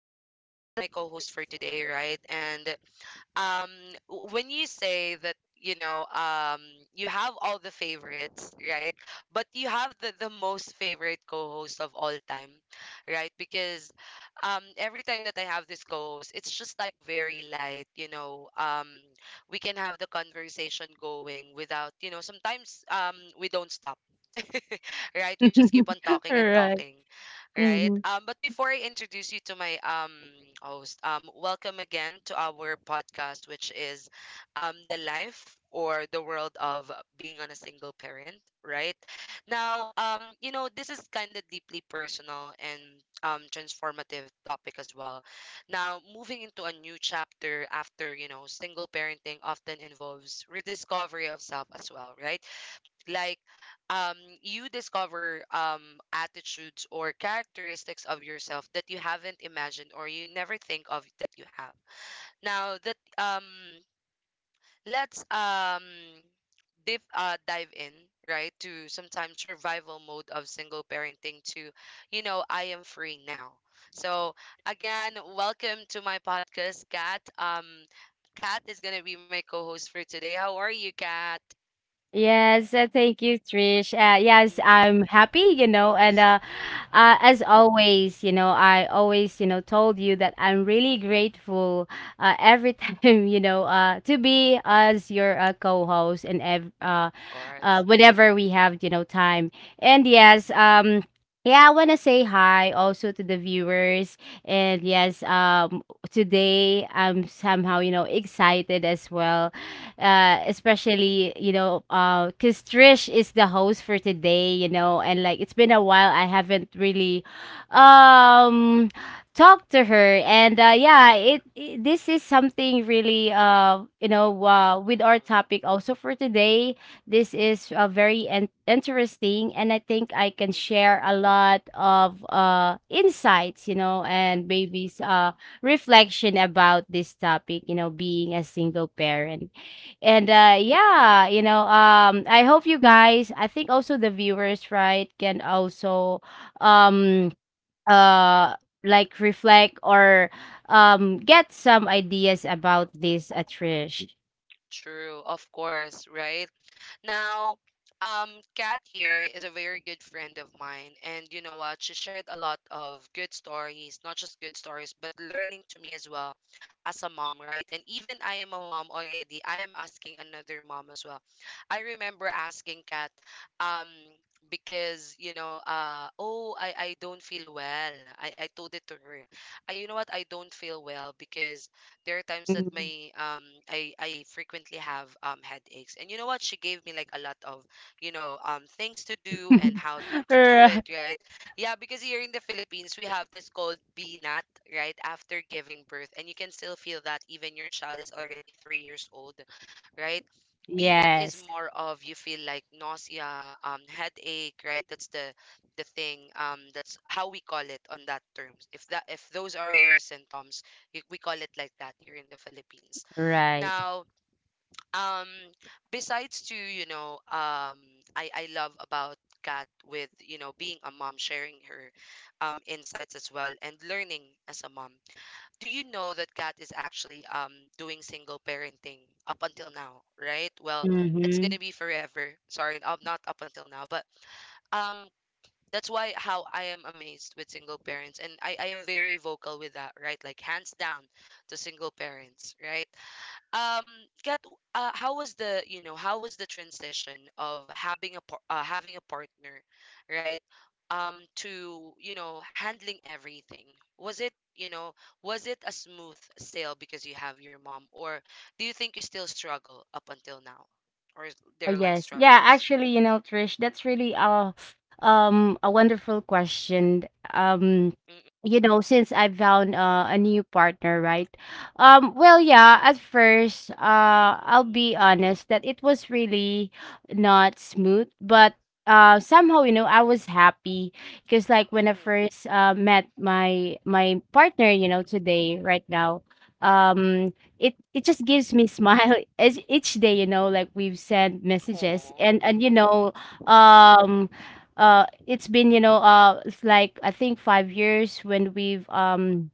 maybe because of my co host for today, right? And um, when you say that, you have all the favorites, right? But you have the most favorite co host of all time, right? Because every time that I have this co host, it's just like very light. We can have the conversation going without sometimes we don't stop right? We just keep on talking and Right. talking, right? Mhm. But before I introduce you to my host, welcome again to our podcast, which is the life or the world of being on a single parent, right? Now, this is kind of deeply personal and transformative topic as well. Now, moving into a new chapter after single parenting often involves rediscovery of self as well, right? Like um you discover attitudes or characteristics of yourself that you haven't imagined or you never think of that you have now that let's dive in, right, to sometimes survival mode of single parenting to, you know, I am free now. So again, welcome to my podcast, Kat. Um kat is gonna be my co-host for today. How are you, Kat? Yes, thank you, Trish. Yes, Mm-mm, I'm happy, and mm-mm. as always, I always, told you that I'm really grateful every time, to be as your co-host and ev Of course. Whenever we have, you know, time. And yes, yeah, I want to say hi also to the viewers. And yes, today I'm somehow, you know, excited as well 嗯嗯嗯嗯 especially because Trish is the host for today, you know. And like, it's been a while I haven't really um talked to her. And yeah, it, this is something really with our topic also for today. This is very interesting, and I think I can 嗯 share a lot of insights, you know, and 嗯 maybe 嗯 reflection about this topic, you know, being a single parent. 嗯 And 嗯。Yeah, you know, I hope you guys, I think also the viewers, right, can also um uh like reflect or get some ideas about this, Trish. True, of course, right? Now, Kat here is a very good friend of mine, and you know what? She shared a lot of good stories, not just good stories, but learning to me as well as a mom, right? And even I am a mom already, I am asking another mom as well. I remember asking Kat, um, because oh, I don't feel well. I told it to her. I, you know what? I don't feel well because there are times that Mhm. my I frequently have headaches. And you know what? She gave me like a lot of, you know, things to do and how to to do it, Right. right? Yeah, because here in the Philippines we have this called BNAT, right? After giving birth. And you can still feel that even your child is already 3 years old, right? BNAT is Yes. more of you feel like nausea, headache, right? That's the thing. That's how we call it on that terms. If those are your symptoms, we call it like that here in the Philippines. Right. Now, um, besides to, you know, I love about Kat with being a mom, sharing her insights as well and learning as a mom. Do you know that Kat is actually doing single parenting up until now, right? Well, it's going Hmm. to be forever. Sorry, not up until now, but um that's why how I am amazed with single parents, and I am very vocal with that, right, like hands down to single parents, right. um Kat, how was the transition of having having a partner, right, to, you know, handling everything? Was it you know was it a smooth sail because you have your mom? Or do you think you still struggle up until now, or is Oh, there like yes. Yeah, struggles? actually, Mm-hmm. you know, Trish, that's really a wonderful question. Um, you know, since I found a new partner, right? Well, yeah, at first, I'll Mm-mm. be honest that it was really not smooth, but somehow, you know, I was happy because like Mm-mm. when I Mm-mm. first met my partner, you know, today, right now, um it it just gives me smile each day, you know, like we've sent messages Oh. And you know um it's been, you know, it's like I think 5 years when we've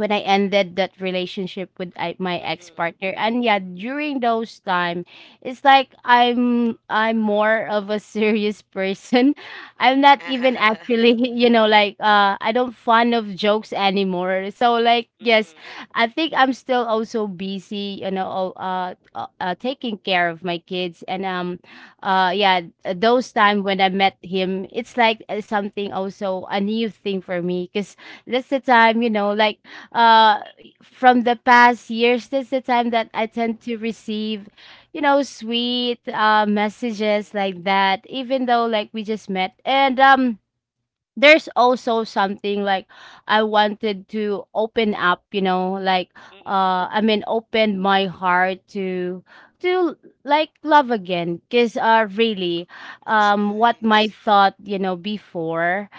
when I ended that relationship with my Mm-mm. ex-partner. And yeah, during those time, it's like I'm more of a serious person. I'm not even actually, you know, like I don't fun of jokes anymore, so like yes. Mm-mm. I think I'm still also busy, you know, taking care of my kids. And yeah, those time when I met him, it's like something also a new thing for me because that's the time, you know, like uh, from the past years, that's the time that I tend to receive, you know, sweet messages Mm-mm. like that, even though like we just met. And there's also something like I wanted to open up, you know, like Mm-mm. Mm-mm. I mean, open my heart to like love again, cuz really That's what my nice. thought, you know, before,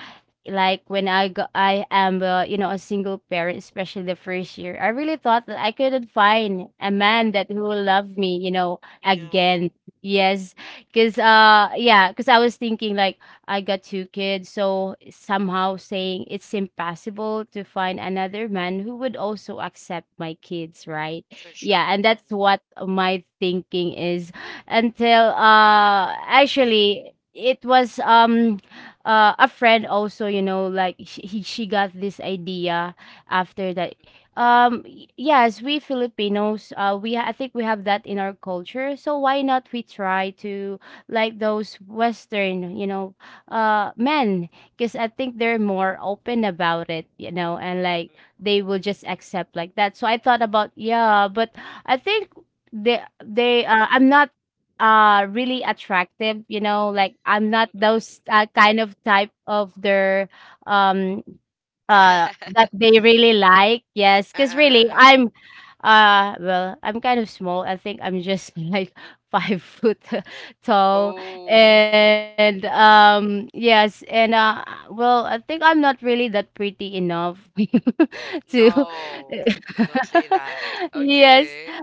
like Mm-mm. when I go, I am you know, a single parent, especially the first year. I really thought that I couldn't find a man that who will love me, you know, Yeah, again. Yes, because yeah, because I was thinking like I got two kids, so somehow saying it's impossible to find another man who would also accept my kids, right? for sure. Yeah, and Mm-mm. that's what my thinking is until actually it was a friend also, you know, like she got this idea after that. Mm-mm. Yes, we Filipinos, we I think we have that in our culture. So why not we try to like those Western, you know, men? Because I think they're more open about it, you know, and like they will just accept like that. So I thought about yeah, but I think they I'm not really attractive, you know, like I'm not Mm-mm. those Mm-mm. Kind of type of their um Mm-mm. that they really like, yes, because really uh. I'm well, I'm kind of small, I think I'm just like 5 foot tall. Oh, mm-mm. And yes. And well, I think I'm not really that pretty enough to No. Don't say that. yes. Okay.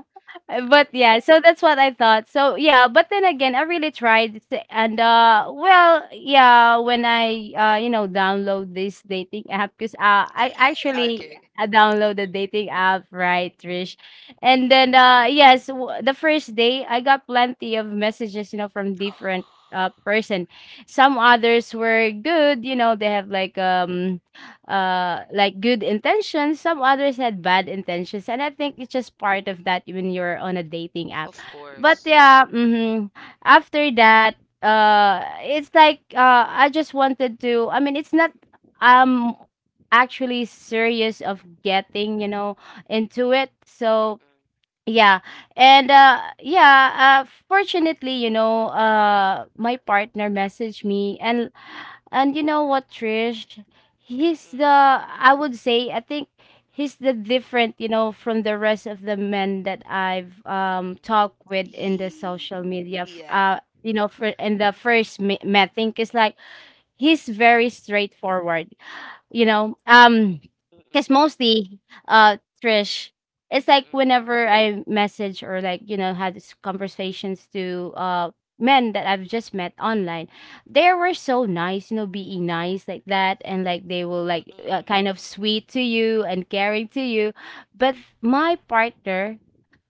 But Mm-mm. yeah, so that's what I thought. So yeah, but then again, I really tried, and well, yeah, when I you know, download this dating app, because I Eee, actually okay. Download the Mm-mm. dating app, right, Trish? And then yes, the first day I got plenty of messages, you know, from different person. Some others were good, you know, they have like good intentions, some others had bad intentions, and I think it's just part of that Mm-mm. when you're on a dating app. Of But course. yeah, hmm, after that it's like I just wanted to, I mean, it's not um actually serious of getting, you know, into it, so Mm-mm. yeah. And yeah, fortunately, you know, my partner messaged me. And you know what, Trish? He's the Mm-mm. I would say I think he's the different, you know, from the rest of the men that I've Mm-mm. talked with in the Yee. social media Yeah. You know, for in the meeting, it's like he's very straightforward, you know. Mm-mm. Because mostly uh Trish, it's like Mm-mm. whenever I message or like you know had these conversations to men that I've just met online, they were so nice, you know, being nice like that, and like they will like kind Mm-mm. of sweet to you and caring to you. But my partner,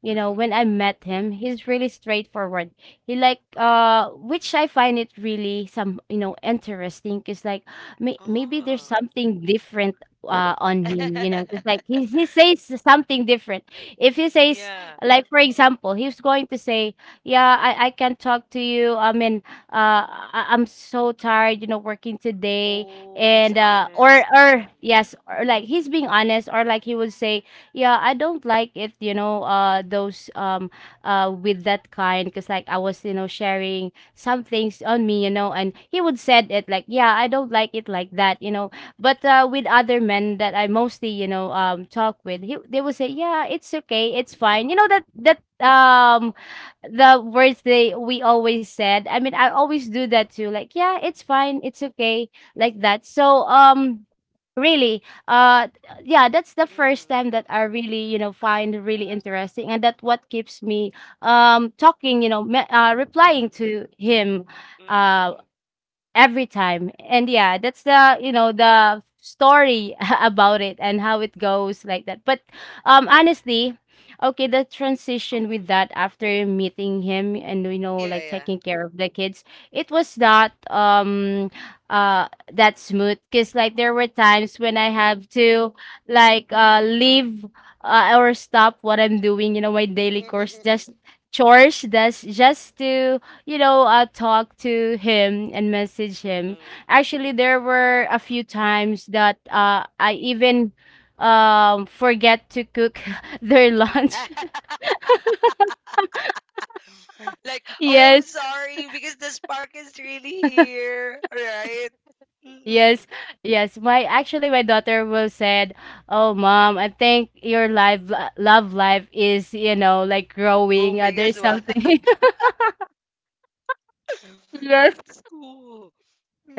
you know, when I Mm-mm. met him, he's really straightforward. He like which I find it really some, you know, interesting, because like maybe there's Oh. something different on him, you know, it's like he says something different. If he says, Yeah. like, for example, he's going to say, yeah, I can't talk to you, I mean, I'm so tired, you know, working today. Oh, he's And honest. Or Mm-mm. yes, or like he's being honest, or like he would say, yeah, I don't like it, you know, those with that kind. Because like I was, you know, sharing some things on me, you know, and he would said it like, yeah, I don't like it like that, you know. But with other men that I mostly, you know, talk with, they would say, yeah, it's okay, it's fine, you know, that that Mm-mm. um the words they we always said. I mean, I always do that too, like, yeah, it's fine, it's okay, like that. So really, uh, yeah, that's the first Mm-mm. time that I really, you know, find really interesting, and that what keeps me talking, you know, replying to him, Mm-mm. uh, Mm-mm. every time. And yeah, that's the, you know, the story about it and how it goes like that. But honestly, okay, the transition with Mm-mm. that after meeting him and, you know, Yeah, like yeah. taking care of the kids, it was not that smooth, because like there were times when I have to like leave or stop what I'm doing, you know, my daily Mm-mm. course, Mm-mm. just chores, that's just to, you know, talk to him and message him. Actually, there were a few times that I even forget to cook their lunch. Mm-mm. Like, oh, I'm Yes, sorry, because the spark is really here, right? Mm-mm. yes, yes. My Actually, my daughter will said, "Oh, mom, I think your life, love life is, you know, like growing. Booming as There's well. something." Yes. That's cool.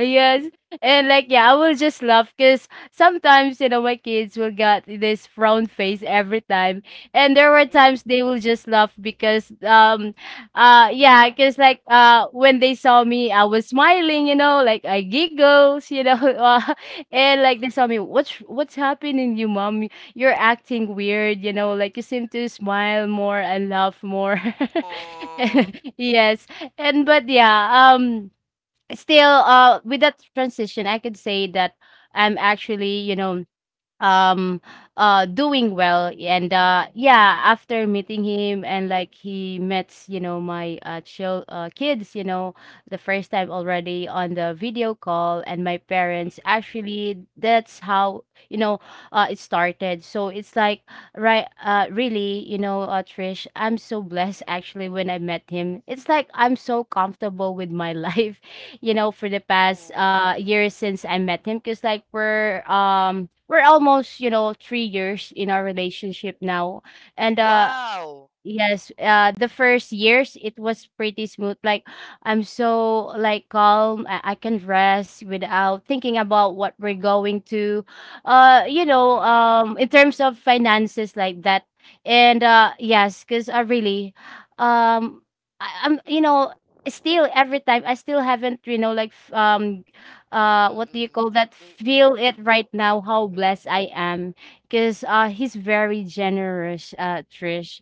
Yes. And like, yeah, I will just laugh because sometimes, you know, my kids will get this frown face every time. And there were Mm-mm. times they will just laugh because yeah, because like when they saw me I was smiling, you know, like I giggles, you know, and like Mm-mm. they saw me, what's happening you mom? You're acting weird, you know, like you seem to smile more and laugh more. Aw. Yes. And but yeah, um still with that transition, I could say that I'm actually, you know, um doing well. And yeah, after Mm-mm. meeting him and like he met, you know, my chill kids, you know, the first time already on the video call, and my parents, Mm-mm. actually, that's how, you know, it started. So it's like right, really, you know, Trish, I'm so blessed Mm-mm. actually when I met him. It's like I'm so comfortable with my life, you know, for the past Oh. Years since I met him, because like we're almost, you know, 3 years in our relationship now. And Wow! yes, the first years it was pretty smooth. Like I'm so like calm. I can rest without thinking about what we're going to, you know, Mm-mm. In terms of finances like that. And yes, because I really, um, I'm, you know, Mm-mm. still every time I still haven't, you know, like what do you Mm-mm. call that? Feel Mm-mm. it right now how Mm-mm. blessed I am because he's very generous, Trish.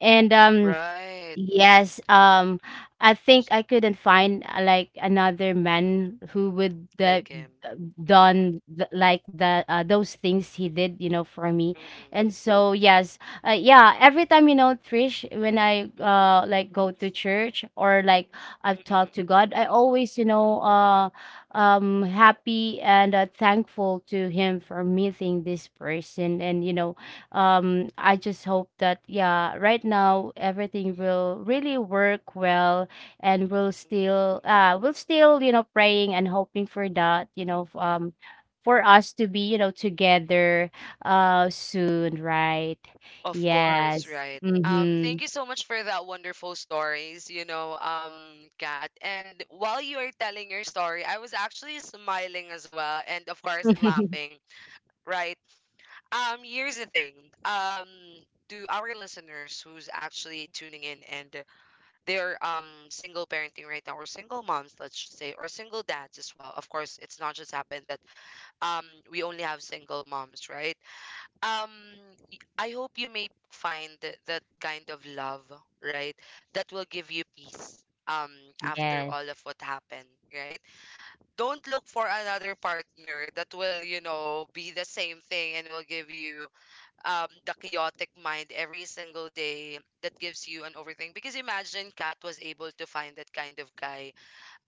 And Right. Mm-mm. yes, I think S- I couldn't find like another man who would like the him. Mm-mm. done like the those things he did, you know, for me. Mm-mm. And so yes, yeah, every time, you know, Trish, when I Mm-mm. Like go to church or like I've talked to Mm-mm. God, I always, you know, happy and thankful to him for meeting this person. And you know, I just hope that, yeah, right now everything will really work well, and we'll still Mm-mm. we'll still you know, praying and hoping for that, you know, for us to be, you know, together soon, right? Of course, Yes. right. Mm-hmm. Thank you so much for that wonderful stories, Kat. And while you are telling your story, I was actually smiling as well, and of course laughing, right? Here's the thing. Um, to our listeners who's actually tuning in and they're single parenting right now, or single moms, let's just say, or single dads as well. Of course, it's not just happened that um we only have single moms, right? Um, I hope you may find that kind of love, right? That will give you peace. After all Yes. of what happened, right? Don't look for another partner that will be the same thing and will give you the chaotic mind every single day that gives you an overthink. Because imagine Kat was able to find that kind of guy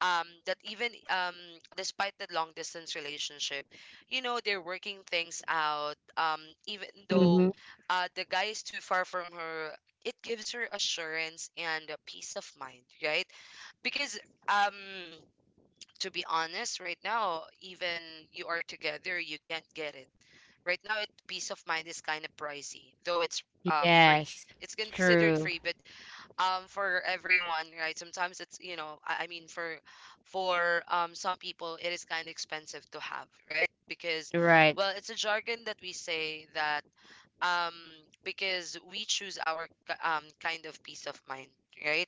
that even despite the long distance relationship, you know, they're working things out. Even though Mm-hmm. The guy is too far from her, it gives her assurance and a peace of mind, right? Because um, to be honest, right now, even you are together, you can't get it. Right now, it peace of mind is kind of pricey, though it's free. Yes, It's considered true. free, but for everyone, right? Sometimes it's I mean, for some people it is kind of expensive to have, right? Because Right. well, it's a jargon that we say that um because we choose our kind of peace of mind, right?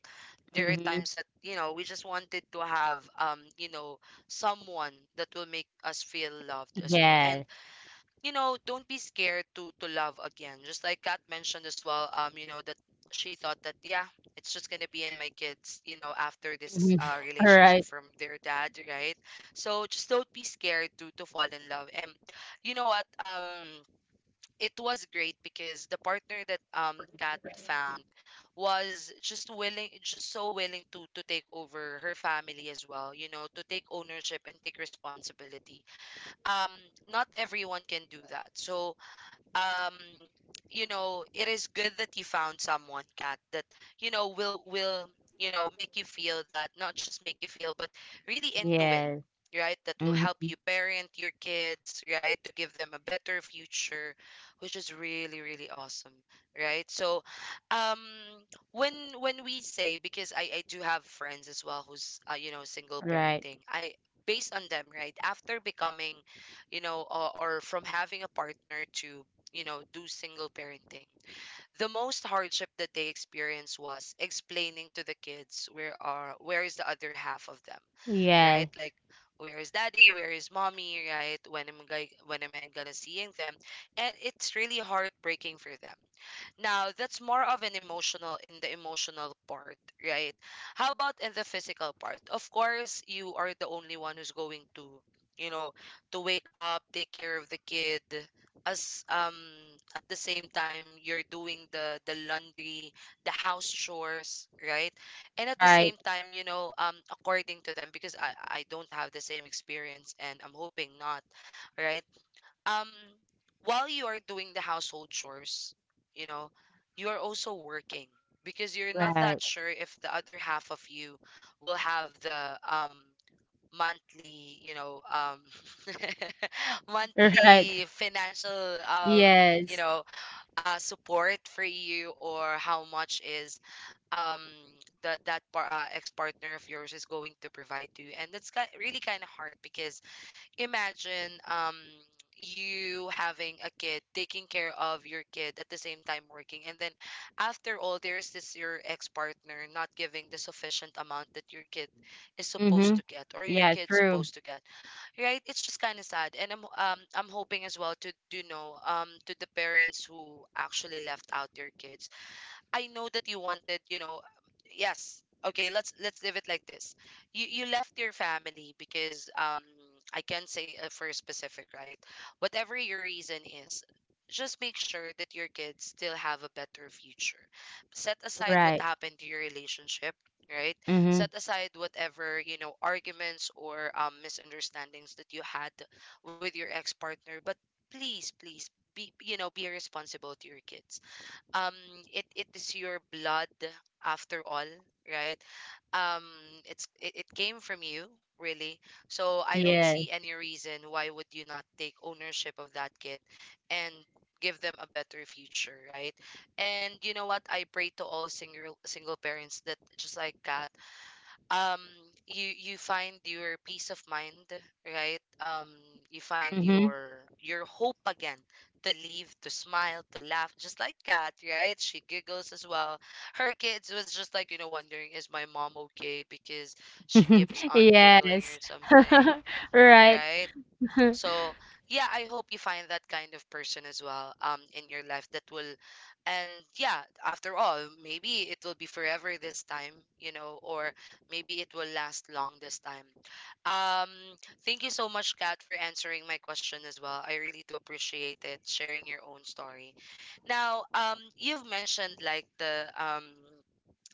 There are Mm-hmm. times that we just wanted to have someone that will make us feel loved as well, and Yes. Don't be scared to love again. Just like Kat mentioned as well, that she thought that, yeah, it's just gonna be in my kids after this Mhm. All right. relationship from their dad, right? So just don't be scared to fall in love. And you know what? It was great because the partner that Kat found was just willing, just so willing to take over her family as well. You know, to take ownership and take responsibility. um Not everyone can do that, so um you know it is good that you found someone, Cat, that will make you feel that, not just make you feel but really into it, Yes. right, that will help Mm-hmm. you parent your kids, right, to give them a better future, which is really really awesome, right. So um when when we say, because I do have friends as well who's single Right. parenting. I, based on them, right, after becoming or from having a partner to do single parenting. The most hardship that they experienced was explaining to the kids where is the other half of them, Yes. right? Like where is daddy, where is mommy, right? When am I gonna seeing them? And it's really heartbreaking for them. Now, that's more of an emotional in the emotional part, right? How about in the physical part? Of course, you are the only one who's going you know, to wake up, take care of the kid as at the same time you're doing the laundry, the house chores, right? And at the Right. same time, according to them, because I don't have the same experience and I'm hoping not, right? um while you are doing the household chores you know you are also working, because you're not Right. that sure if the other half of you will have the monthly Right. monthly financial you Yes. know support for you, or how much is um that ex partner of yours is going to provide to you. And that's really kind of hard, because imagine you having a kid, taking care of your kid at the same time working, and then after all there is this your ex-partner not giving the sufficient amount that your kid is supposed to Mhm. get, or your Yeah, kid's true. supposed to get Right, it's just kind of sad, and I'm hoping as well, to do know, to the parents who actually left out their kids. I know that you wanted, yes. Okay, let's leave it like this. You left your family because I can't say for specific, right? Whatever your reason is, just make sure that your kids still have a better future. Set aside what Right. happened to your relationship, right? Mhm. Set aside whatever, arguments or misunderstandings that you had with your ex-partner, but please, please be responsible to your kids um it is your blood after all right um it came from you really. So I don't Yeah. see any reason why would you not take ownership of that kid and give them a better future, right? And you know what, I pray to all single parents that, just like Kat, um you find your peace of mind, right. You find Mhm. your hope again to live, to smile, to laugh, just like Kat, right? She giggles as well. Her kids was just like, wondering, is my mom okay, because she keeps on giggling Yes. or something, Right. right? So, yeah, I hope you find that kind of person as well in your life that will. And yeah, after all, maybe it will be forever this time, or maybe it will last long this time. Um Thank you so much, Kat, for answering my question as well. I really do appreciate it sharing your own story. Now, you've mentioned like the um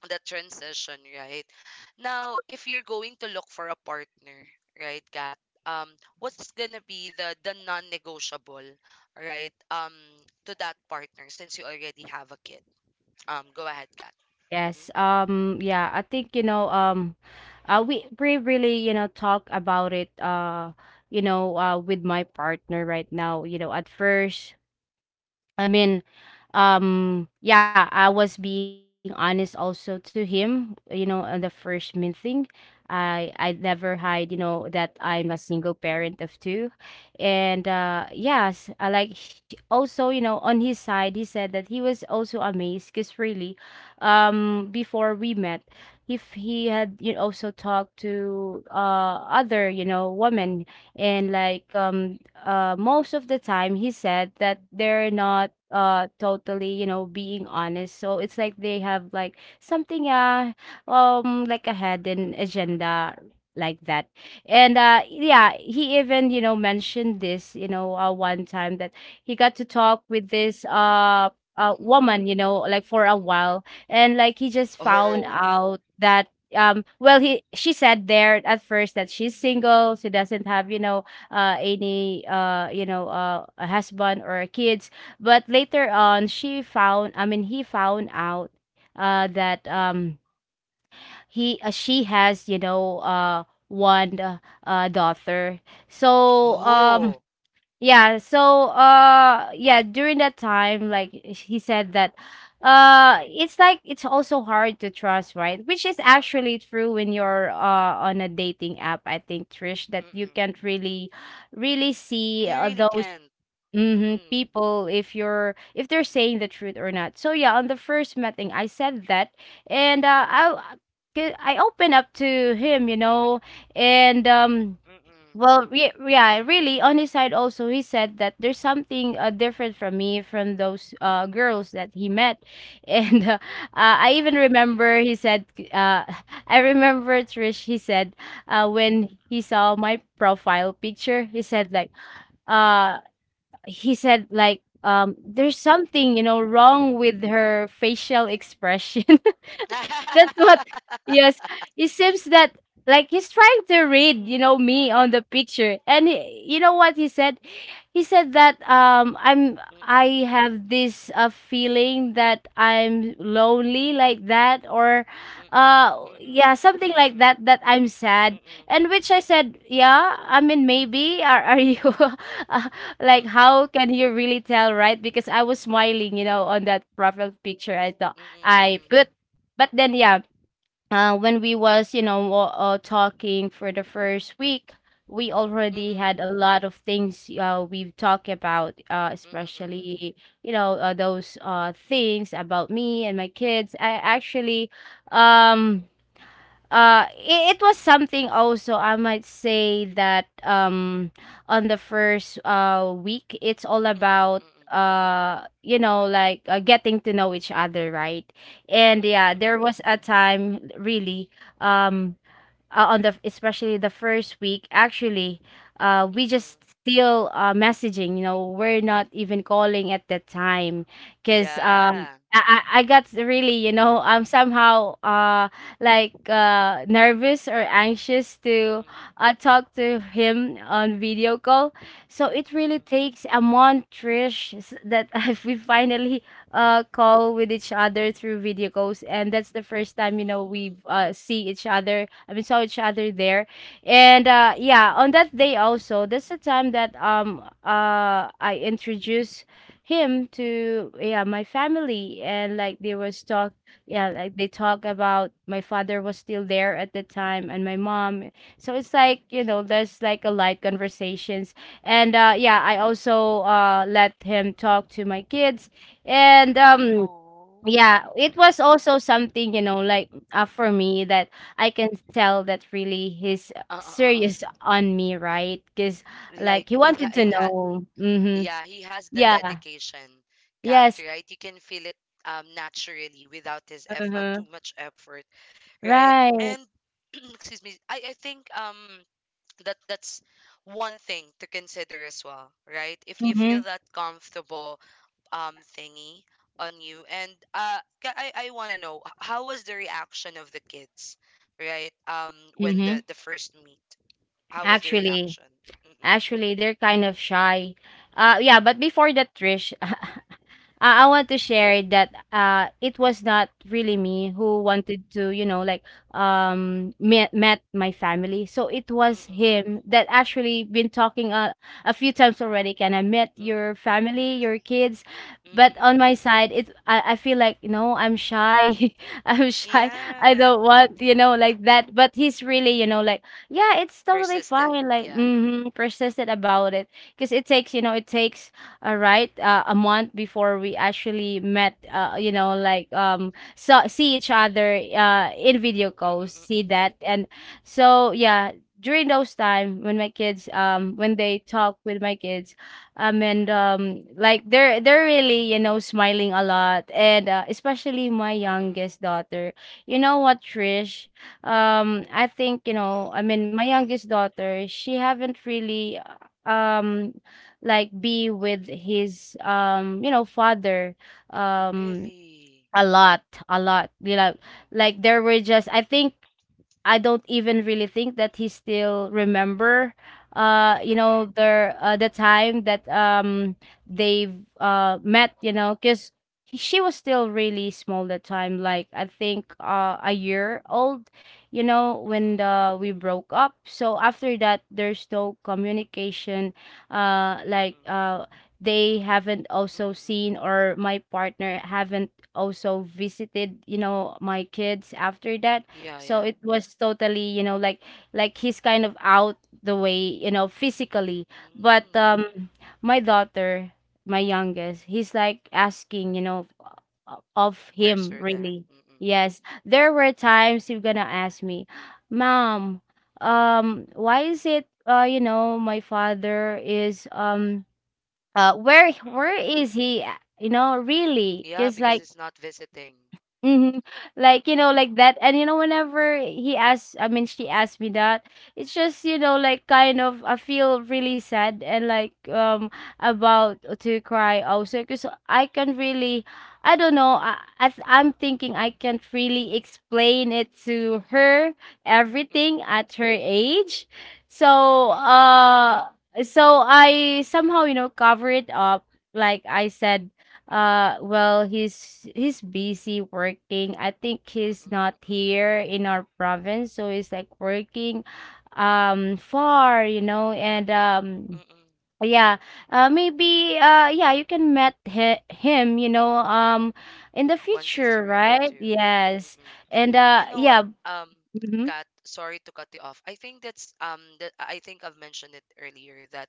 the transition, right? Now, if you're going to look for a partner, right, Kat, um, what's gonna be the non-negotiable, right, to that partner since you already have a kid? Go ahead, Kat. Mm-hmm. Yes. Yeah, I think, you know, we really, you know, talk about it, you know, with my partner right now. You know, at first, I mean, yeah, I was being honest also to him, you know, on the first meeting. I never hide, you know, that I'm a single parent of two. And yes, I like also, you know, on his side, he said that he was also amazed because really, before we met, if he had, you know, also talked to other, you know, women. And like, most of the time he said that they're not totally, you know, being honest. So it's like they have like something, like a hidden agenda, like that. And yeah, he even, you know, mentioned this, you know, one time that he got to talk with this Mm-mm. woman, you know, like for a Mm-mm. while. And like he just found Oh. out that, well, he she said there at first that she's single, she doesn't have, you know, any, you know, a husband or kids. But later on she found, I mean, he found out that, Mm-mm. He she has, you know, one daughter. So Oh. yeah, so yeah, during that time, like he said that it's like it's also hard to trust, right? Which is actually true when you're on a dating app, I think, Trish, that you Mm-mm. can't really see You really those, can't. mhm, Mm-mm. people if they're saying the truth or not. So yeah, on the first meeting I said that. And I opened up to him, you know, and Mm-mm. well, yeah, really, on his side also, he said that there's something different from me, from those girls that he met. And I even Mm-mm. remember he said, uh, I remember, Trish, he said, when he saw my profile picture, uh, he said, like, there's something, you know, wrong with her facial expression. That's what, yes. It seems that like he's trying to read, Mm-mm. you know, me on the picture. And he, you know what he said? He said that, Mm-mm. I have this feeling that I'm lonely, like that, or Mm-mm. Mm-mm. yeah, something Mm-mm. like Mm-mm. that, that I'm sad. Mm-mm. And which I said, yeah, I mean, maybe, are you uh, like, Mm-mm, how can you really tell, right? Because I was smiling, you know, on that profile picture, I thought mm-mm, I mm-mm, put. But then yeah, when we was, you know, talking for the first week, we already mm-mm, had a lot of things we've talked about, mm-mm, mm-mm, especially, you know, those things about me and my kids. I actually, um it was something also I might say that, on the first week, it's all about mm-mm, you know, like, getting to know each other, right? mm-mm, And mm-mm, yeah, there mm-mm, was a time, really, um on the, especially the first week, actually, we mm-mm. just still messaging, you know, we're not even calling at that time, because, Yeah. I got really, you know, I'm somehow like nervous or anxious to Mm-mm, talk to him on video call. So it really mm-mm. takes a month, Trish, that if we finally call with each other through video calls, and that's the first Mm, time, you know, mm-mm. we see each other. We saw each other there, and yeah, on that day also, that's the time that I introduced him to, yeah, my family. And like, there was talk, yeah, like they talk about my father was still there at the time, and my mom. So it's like, you know, there's like a light conversations. And yeah, I also let him talk to my kids. And Oh. yeah, it was also something, you know, like, for me that I can tell that really he's uh uh uh serious on me, right? Because Like like he wanted he to ha know. Mm-hmm. Yeah, he has the Yeah. dedication, Kat, Yes. right? You can feel it naturally without his eff Uh-huh. too much effort, right? Right. And excuse me, I think that that's one thing to consider as well, right? If you feel Mm-hmm. that comfortable thingy on you. And I want to know how was the reaction of the kids, right? When Mm-hmm. the first meet, how was the Actually, reaction? Mm-mm, Actually, they're kind of shy. Yeah, but before that, Trish, I mm-mm, want to share that it was not really me who wanted to, you know, like, met my family. So it was mm-mm, him that actually been talking a few times already. Can I met mm-mm, your family, your kids? mm-mm, But on mm-mm, my mm-mm. side, it I feel like, no, I'm shy. I'm shy. I Yeah. don't want, you know, like that. But he's really, you know, like, yeah, it's totally Persistent, fine. Like, yeah. mm-hmm, persistent Mm-mm, about it. Because it takes, you know, a right, a month before we actually met. You know, like, so see each other in video mm-mm, calls, see mm-mm, that, and so yeah, during those time when my kids, when they talk with my kids, and like they're really, you know, smiling a lot, and especially my mm-mm, youngest daughter. You know what, Trish? I think, you mm-mm. know, I mean, my youngest daughter, she haven't really, uh, um like be with his, you know, father, um Really. a lot, a lot, you know, Mm-mm, like there were just, I think, I don't even really think that he still remember, you mm-mm, know, their, the time that, they've met, you know, because she was still really small that time. Like, I think, a year old, you know, when mm-mm, we broke up. So after that, there's no communication, like, mm-mm, they haven't also seen, mm-mm. or my partner haven't also visited, you know, my kids after that. Yeah, So yeah. it was totally, you know, like, he's kind of out the way, you know, physically. But, Mm-mm. My daughter, my youngest, he's like asking, you know, of Where's him, your dad? really. Mm-mm, Yes. There were times he's gonna ask me, Mom, why is it, you know, my father is, where where mm-mm. is he? You know, really? Yeah, Just because like. it's not visiting. Mhm. Like, you Mm-mm, know, like that. And you know, whenever he asked, I mean, she asked me that, it's just, you know, like kind of, I feel really sad and like, about to cry also, because I can really, I don't know, I'm thinking I can't really explain it to her, everything mm-mm, at her age. So, So, I somehow, you know, cover it up. Like I said, well, he's busy working. I think he's mm-mm, not mm-mm, here in our province, so he's like working, far, you know, and mm-mm. yeah, maybe yeah, you can met hi him, you know, in the Once it's future, ready right? to. Yes. Mm-mm. And You know what, yeah, um, mm-hmm. Kat, sorry to cut you off. I think that's that I think I've mentioned it earlier that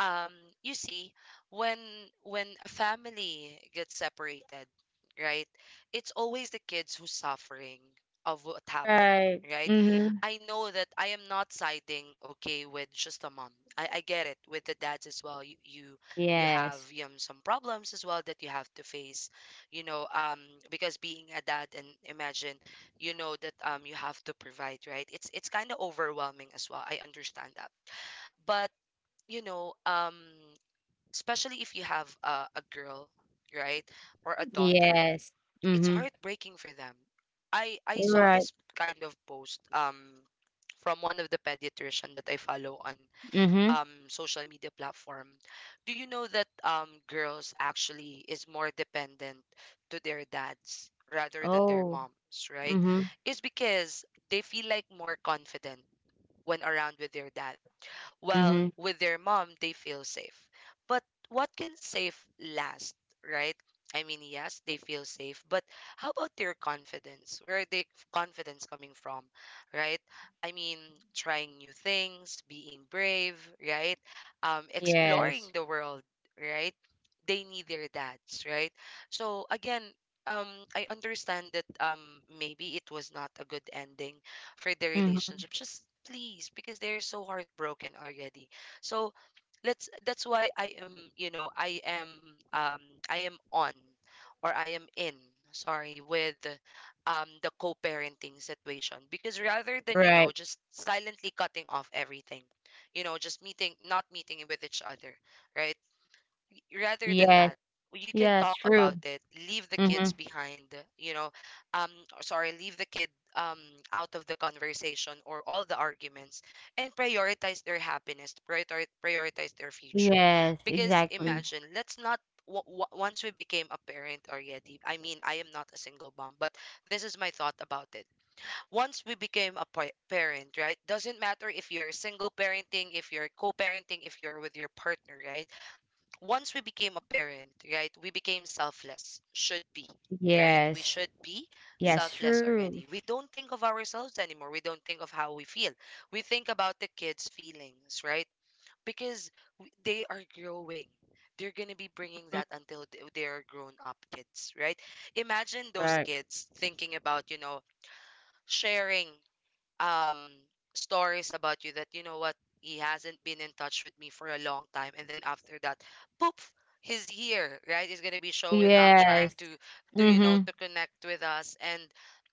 um you see, when a family gets separated, right, it's always the kids who's suffering of what happened, Right. right? Mm-hmm. I know that I am not siding okay with just the mom. I get it with the dads as well. You have Yes. Some problems as well that you have to face, you know um because, being a dad, and imagine, that you have to provide, right? It's kind of overwhelming as well, I understand that. But you know um especially if you have a girl, right, or a daughter, Yes. it's Mm-hmm. heartbreaking for them. I saw Right. this kind of post from one of the pediatrician that I follow on Mm-hmm. Social media platform. Do you know that girls actually is more dependent to their dads rather than their Oh. moms, right? Mm-hmm. It's because they feel like more confident when around with their dad, while Mm-hmm. with their mom, they feel safe. But what can safe last, right? I mean, yes, they feel safe, but how about their confidence? Where are they confidence coming from, right? I mean, trying new things, being brave, right? Exploring Yes. the world, right? They need their dads, right? So again, um, I understand that, maybe it was not a good ending for their Mm-hmm. relationship. Just please, because they're so heartbroken already. So let's that's why I am, you know, um I am on, or I am in, sorry, with the co-parenting situation. Because, rather than, Right. Just silently cutting off everything, just meeting, not meeting with each other, right? Rather than Yes. that, you can Yes, talk true. about it. Leave the Mhm. kids behind, you know. Um, or sorry, leave the kid um out of the conversation or all the arguments, and prioritize their happiness. Prioritize their future, Yes, because, exactly. imagine, let's not. Once we became a parent already, I mean, I am not a single mom, but this is my thought about it. Once we became a parent, right? Doesn't matter if you're single parenting, if you're co parenting, if you're with your partner, right? Once we became a parent, right, we became selfless. Should be, right? We Yes. should be Yes, selfless true. already. We don't think of ourselves anymore. We don't think of how we feel. We think about the kids' feelings, right? Because they are growing. They're going to be bringing Mm, that until they are grown up kids, right? Imagine those right. kids thinking about, sharing um stories about you, that, you know what, he hasn't been in touch with me for a long time, and then, after that, poof, he's here, right? He's going to be showing up, trying Yes. to to you know Mhm. to connect with us, and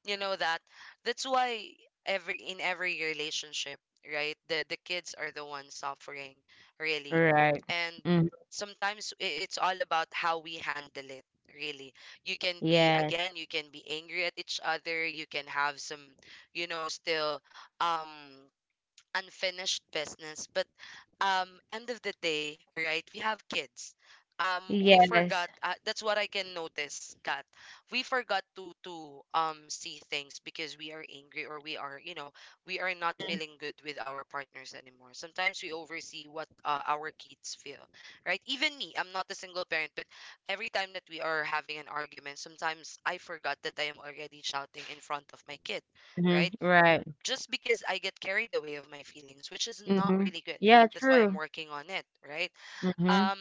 you know that that's why, every in every relationship, right, the kids are the ones suffering, really. Right. And Mhm. sometimes it's all about how we handle it, really. You can be, Yes. again, you can be angry at each other, you can have some, still, um unfinished business, but end of the day, right, we have kids. um we Yes. forgot, that's what I can notice, Kat. We forgot to see things because we are angry, or we are not Mm, feeling good with our partners anymore. Sometimes we oversee what our kids feel, right? Even me, I'm not a single parent, but every time that we are having an argument, sometimes I forgot that I am already shouting in front of my kid, mhm. right, Right. just because I get carried away of my feelings, which is not Mhm. really good. Yeah, That's why I'm true. working on it, right? Mhm. Um,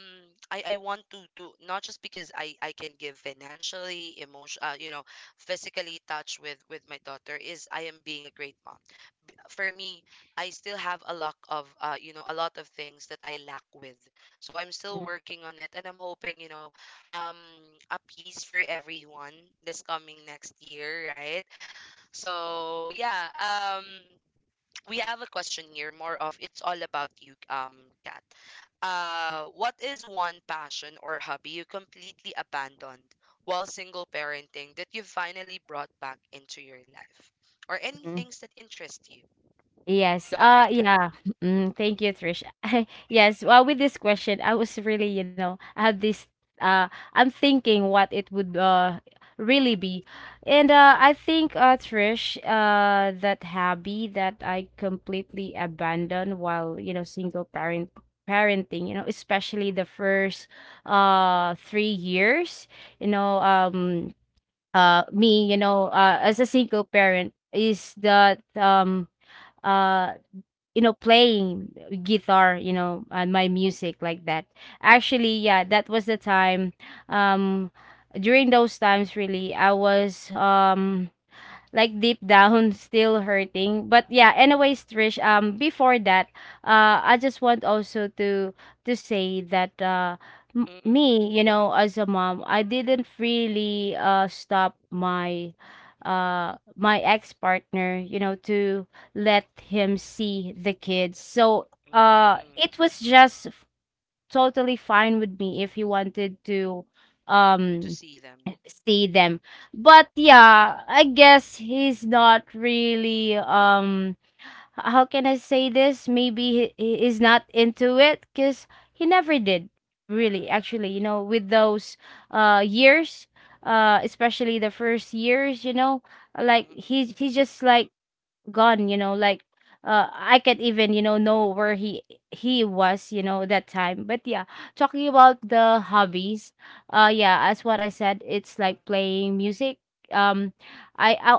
I want to not, just because I can give financially, emotion, physically touch with my daughter is I am being a great mom. For me, I still have a lot of you know, a lot of things that I lack with. So I'm still working on it, and I'm hoping um, a piece for everyone this coming next year, right? So yeah, um we have a question here, more of it's all about you, Kat. What is one passion or hobby you completely abandoned while single parenting that you finally brought back into your life, or any Mhm. things that interest you? Yes. Go ahead, Kat. Mm, Yeah. Mm, thank you, Trish. Yes. Well, with this question, I was really, you know, I had this, I'm thinking what it would really be. And I think, Trish, that hobby that I completely abandoned while, you know, single parent parenting, you know, especially the first 3 years, you know, me, you know, as a single parent, is that, uh you know, playing guitar, you know, and my music, like that. Actually, yeah, that was the time, um during those times, really, I was, like, deep down still hurting. But yeah, anyways, Trish, before that, I just want also to say that, mm-mm, me, you know, as a mom, I didn't really stop my, my ex-partner, you know, to let him see the kids. So mm-mm. it was just totally fine with me if you wanted to To um see them. see them. But yeah, I guess he's not really how can I say this? Maybe he is not into it cuz he never Mm-mm, did really, actually, you know, with those years, especially the first years, you know, like mm-mm, he's just like gone, you know, like I can't even, you know where he was, you know, that time. But yeah, talking about the hobbies, yeah, as what I said, it's like playing music, um mm-mm. I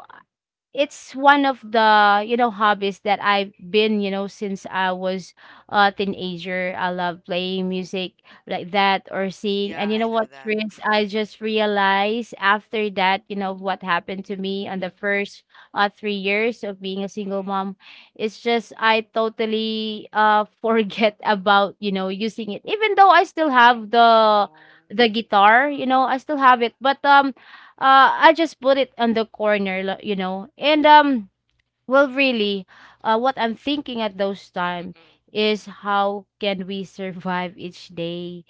it's one of the, you know, hobbies that I've been, you know, since I was a teenager. I love playing Oh. music like that or singing. And Yeah, you know I know what, that. Tris, I Mm-mm, just realized after that, you know, what happened to me on the first 3 years of being a single mm. mom. It's just I totally forget about, you know, using it, even though I still have the Oh, the guitar. You know I still have it, but I just put it on the corner, you know. And well, really, what I'm thinking at those time mm-mm. is how can we survive each day?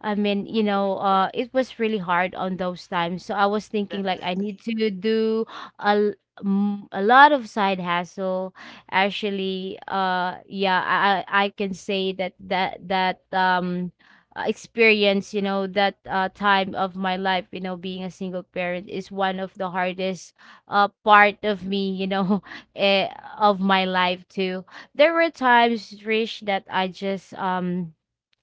I Oh mean, you no, know, it was really hard on those times. So I was thinking like I need definitely. to do a l- a lot of side hustle. Actually, yeah, I can say that experience, you know, that time of my life, you know, being a single parent is one of the hardest part of me, you know, eh, of my life too. There were times, Trish, that I just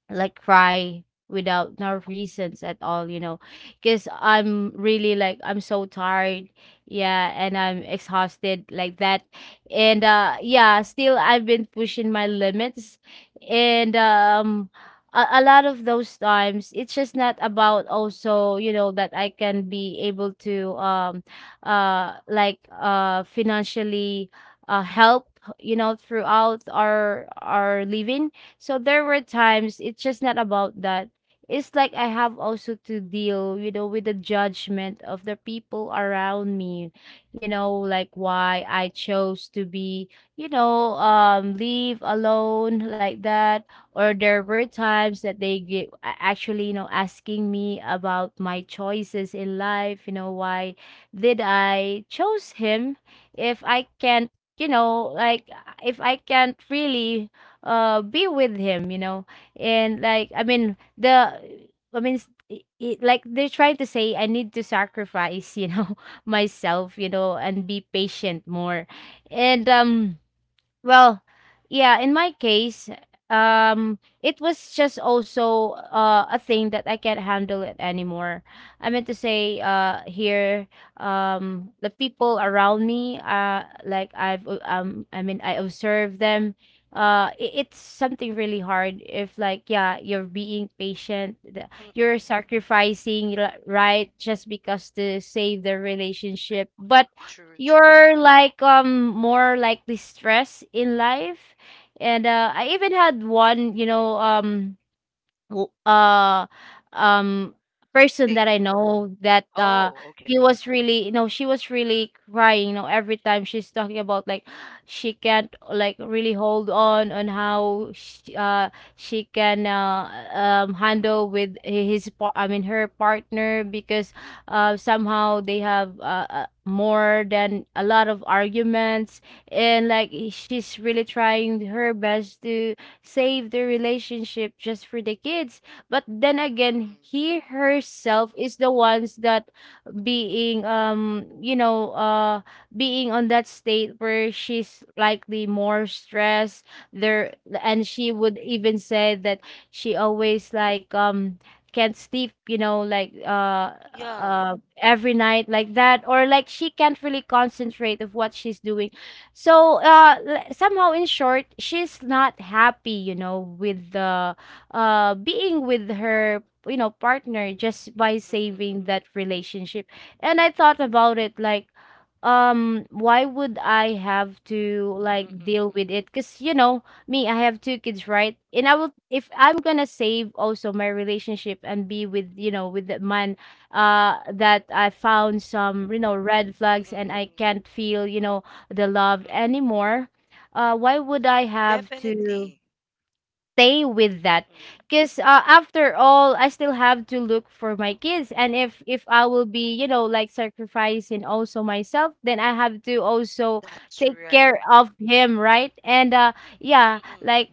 like cry without no reasons at all, you know, because I'm really like I'm so tired. Yeah, and I'm exhausted like that. And yeah, still I've been pushing my limits. And a lot of those times it's just not about, also, you know, that I can be able to like financially help, you know, throughout our living. So there were times it's just not about that. It's like I have also to deal, you know, with the judgment of the people around me, you know, like why I chose to be, you know, leave alone like that. Or there were times that they get, actually, you know, asking me about my choices in life, you know, why did I chose him if I can't, you know, like if I can't really be with him, you know. And like, I mean, like, they're trying to say I need to sacrifice, you know, myself, you know, and be patient more. And well, yeah, in my case, it was just also a thing that I can't handle it anymore. I meant to say, here, the people around me, like I mean, I observe them. It's something really hard if, like, yeah, you're being patient, Mm-mm. you're sacrificing, right, just because to save the relationship, but True, true. you're like more like distressed in life. And Mm-mm. I even had one, you know, know uh um person that I Thing. know that Oh, okay. he was really, you know, she was really crying, you know, every time she's talking about like she can't like really hold on how she can handle with his I mean her partner, because somehow they have more than a lot of arguments. And like she's really trying her best to save the relationship just for the kids. But then Mm-mm. again he herself is the ones that being you know, being on that state where she's likely more stressed there. And she would even say that she always like can't sleep, you know, like Yeah. Every night like that, or like she can't really concentrate of what she's doing. So somehow, in short, she's not happy, you know, with the being with her, you know, partner, just by Mm-mm, saving that mm-mm. relationship. And I thought about it like, why would I have to Mm-mm, like deal mm-mm. with it? Because, you know, me, I have two kids, right? And I will, if I'm gonna save also my relationship and be with, you know, with the man that I found some, you know, red flags, Mm-mm, and I mm-mm. can't feel, you know, the love Mm-mm. anymore. Uh why would I have to Definitely. stay with that? Mm-mm. Because after all, I still have to look for my kids, and if I will be, you know, like sacrificing also myself, then I have to also That's take right. care of him, right? And yeah, Mm-mm. like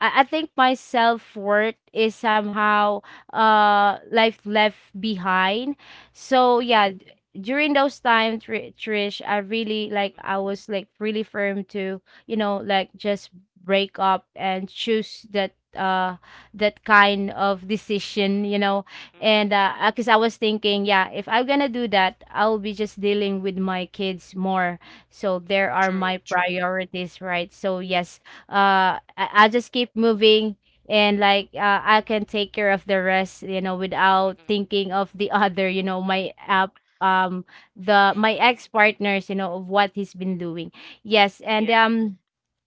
I think my self worth is somehow life left behind. So Mm-mm. yeah, during those times, Trish, I really like Mm-mm. I was like really firm to, you know, like just break up and choose that, that kind of decision, you know. Mm-mm, And mm. because I was thinking, yeah, if I'm gonna do that, I'll be just dealing with my kids more, so there are my True, true. priorities, right? So yes, I'll just keep moving, and like, I can take care of the rest, you know, without Mm-mm. thinking of the other, you know, my app um the my Mm-mm. ex partners, you know, of what he's been doing. Yes. And Yeah.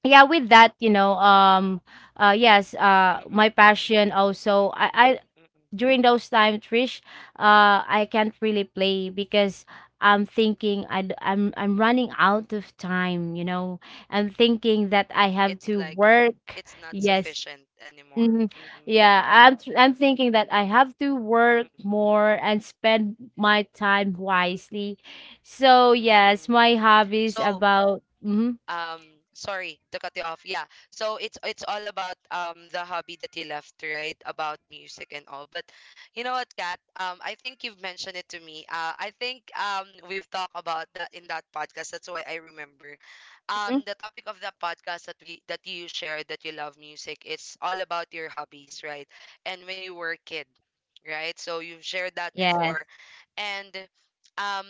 yeah, with that, you know, yes, my Mm-mm, mm-mm. passion also, Mm-mm. I Mm-mm. during those times, Trish, I can't really play because I'm thinking, I, am I'm running out of time, you know. I'm thinking that I have It's to like work. it's not Yes. sufficient anymore. Mhm. Mm-mm. Yeah, I'm I'm thinking that I have to work Mm-mm. more and spend my time wisely. So yes, Mm-mm. my hobbies So, about. Mhm. um sorry to cut you off. Yeah, so it's all about the hobby that you left, right, about music and all. But you know what, Kat, I think you've mentioned it to me, I think, we've talked about that in that podcast, that's why I remember Mhm. the topic of the podcast, that you shared, that you love music, it's all about your hobbies, right, and when you were a kid, right? So you've shared that Yes. before. And um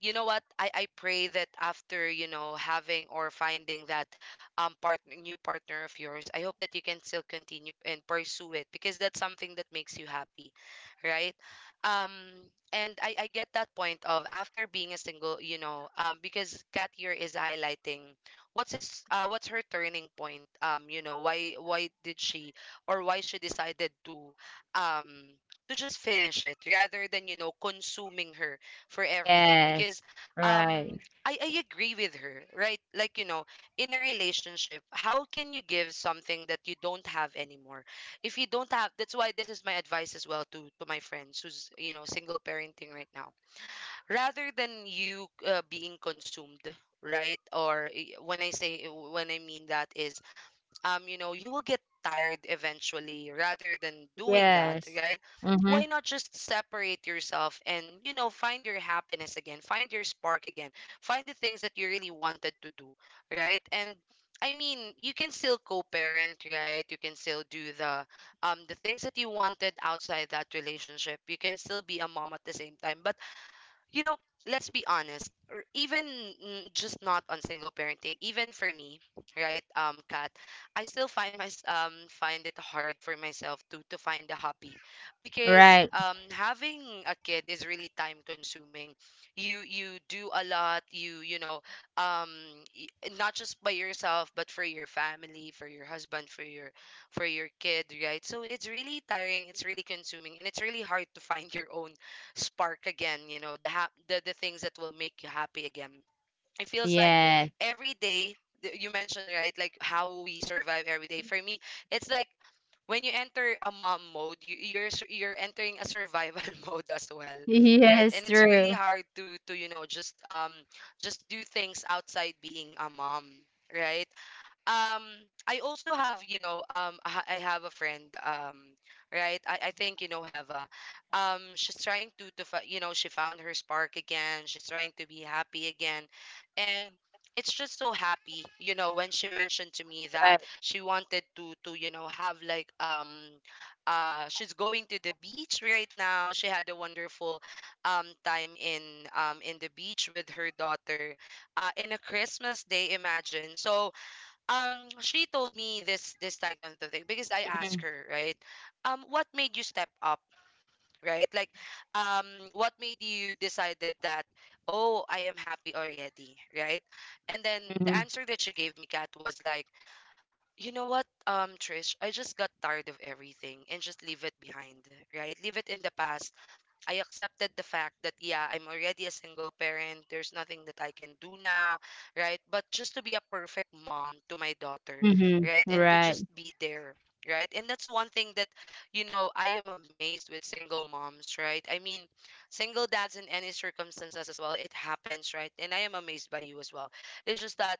you know what, I pray that, after having or finding that, partner new partner of yours, I hope that you can still continue and pursue it, because that's something that makes you happy, right? um and I get that point of, after being a single, because cat here is highlighting what's his, what's her turning point, why did she, or why she decided to, um to just finish it, rather than, consuming her for everything, Yes. because um Right. I agree with her, right? Like, in a relationship, how can you give something that you don't have anymore? If you don't have, that's why this is my advice as well to my friends who's, single parenting right now. Rather than you, being consumed, right? Or when I say, when I mean that, is you will get tired eventually, rather than doing that, Yes. right? Mhm. Why not just separate yourself and, find your happiness again, find your spark again, find the things that you really wanted to do, right? And, I mean, you can still co-parent, right? You can still do the things that you wanted outside that relationship. You can still be a mom at the same time, but, you know, let's be honest, or even, just, not on single parenting, even for me, right, Kat, I still find my find it hard for myself to find a hobby because Right. Having a kid is really time consuming. You do a lot, um y- not just by yourself but for your family, for your husband, for your kid, right? So it's really tiring, it's really consuming, and it's really hard to find your own spark again, you know, the things that will make you happy again. It feels like Yes. every day. You mentioned, right, like how we survive every day. For me it's like when you enter a mom mode, you're you're entering a survival mode as well, right? Yes, And it's really true. hard to you know, just do things outside being a mom, right? um I also have, you know, I have a friend, right, I think you know Heva. She's trying you know, she found her spark again. She's trying to be happy again. And it's just so happy, you know, when she mentioned to me that Right. she wanted to you know, have like, she's going to the beach right now. She had a wonderful time in the beach with her daughter, in a Christmas day, imagine. So, um she told me this, this type of thing because I asked Mhm. her, right? What made you step up, right? Like, um, what made you decided that, oh, I am happy already, right? And then the Mhm. answer that she gave me, Kat, was like, you know what, Trish, I just got tired of everything and just leave it behind, right? Leave it in the past. I accepted the fact that, yeah, I'm already a single parent. There's nothing that I can do now, right? But just to be a perfect mom to my daughter, Mhm. right? And to Right. just be there, right? And that's one thing that, you know, I am amazed with single moms, right? I mean, single dads in any circumstances as well, it happens, right? And I am amazed by you as well. It's just that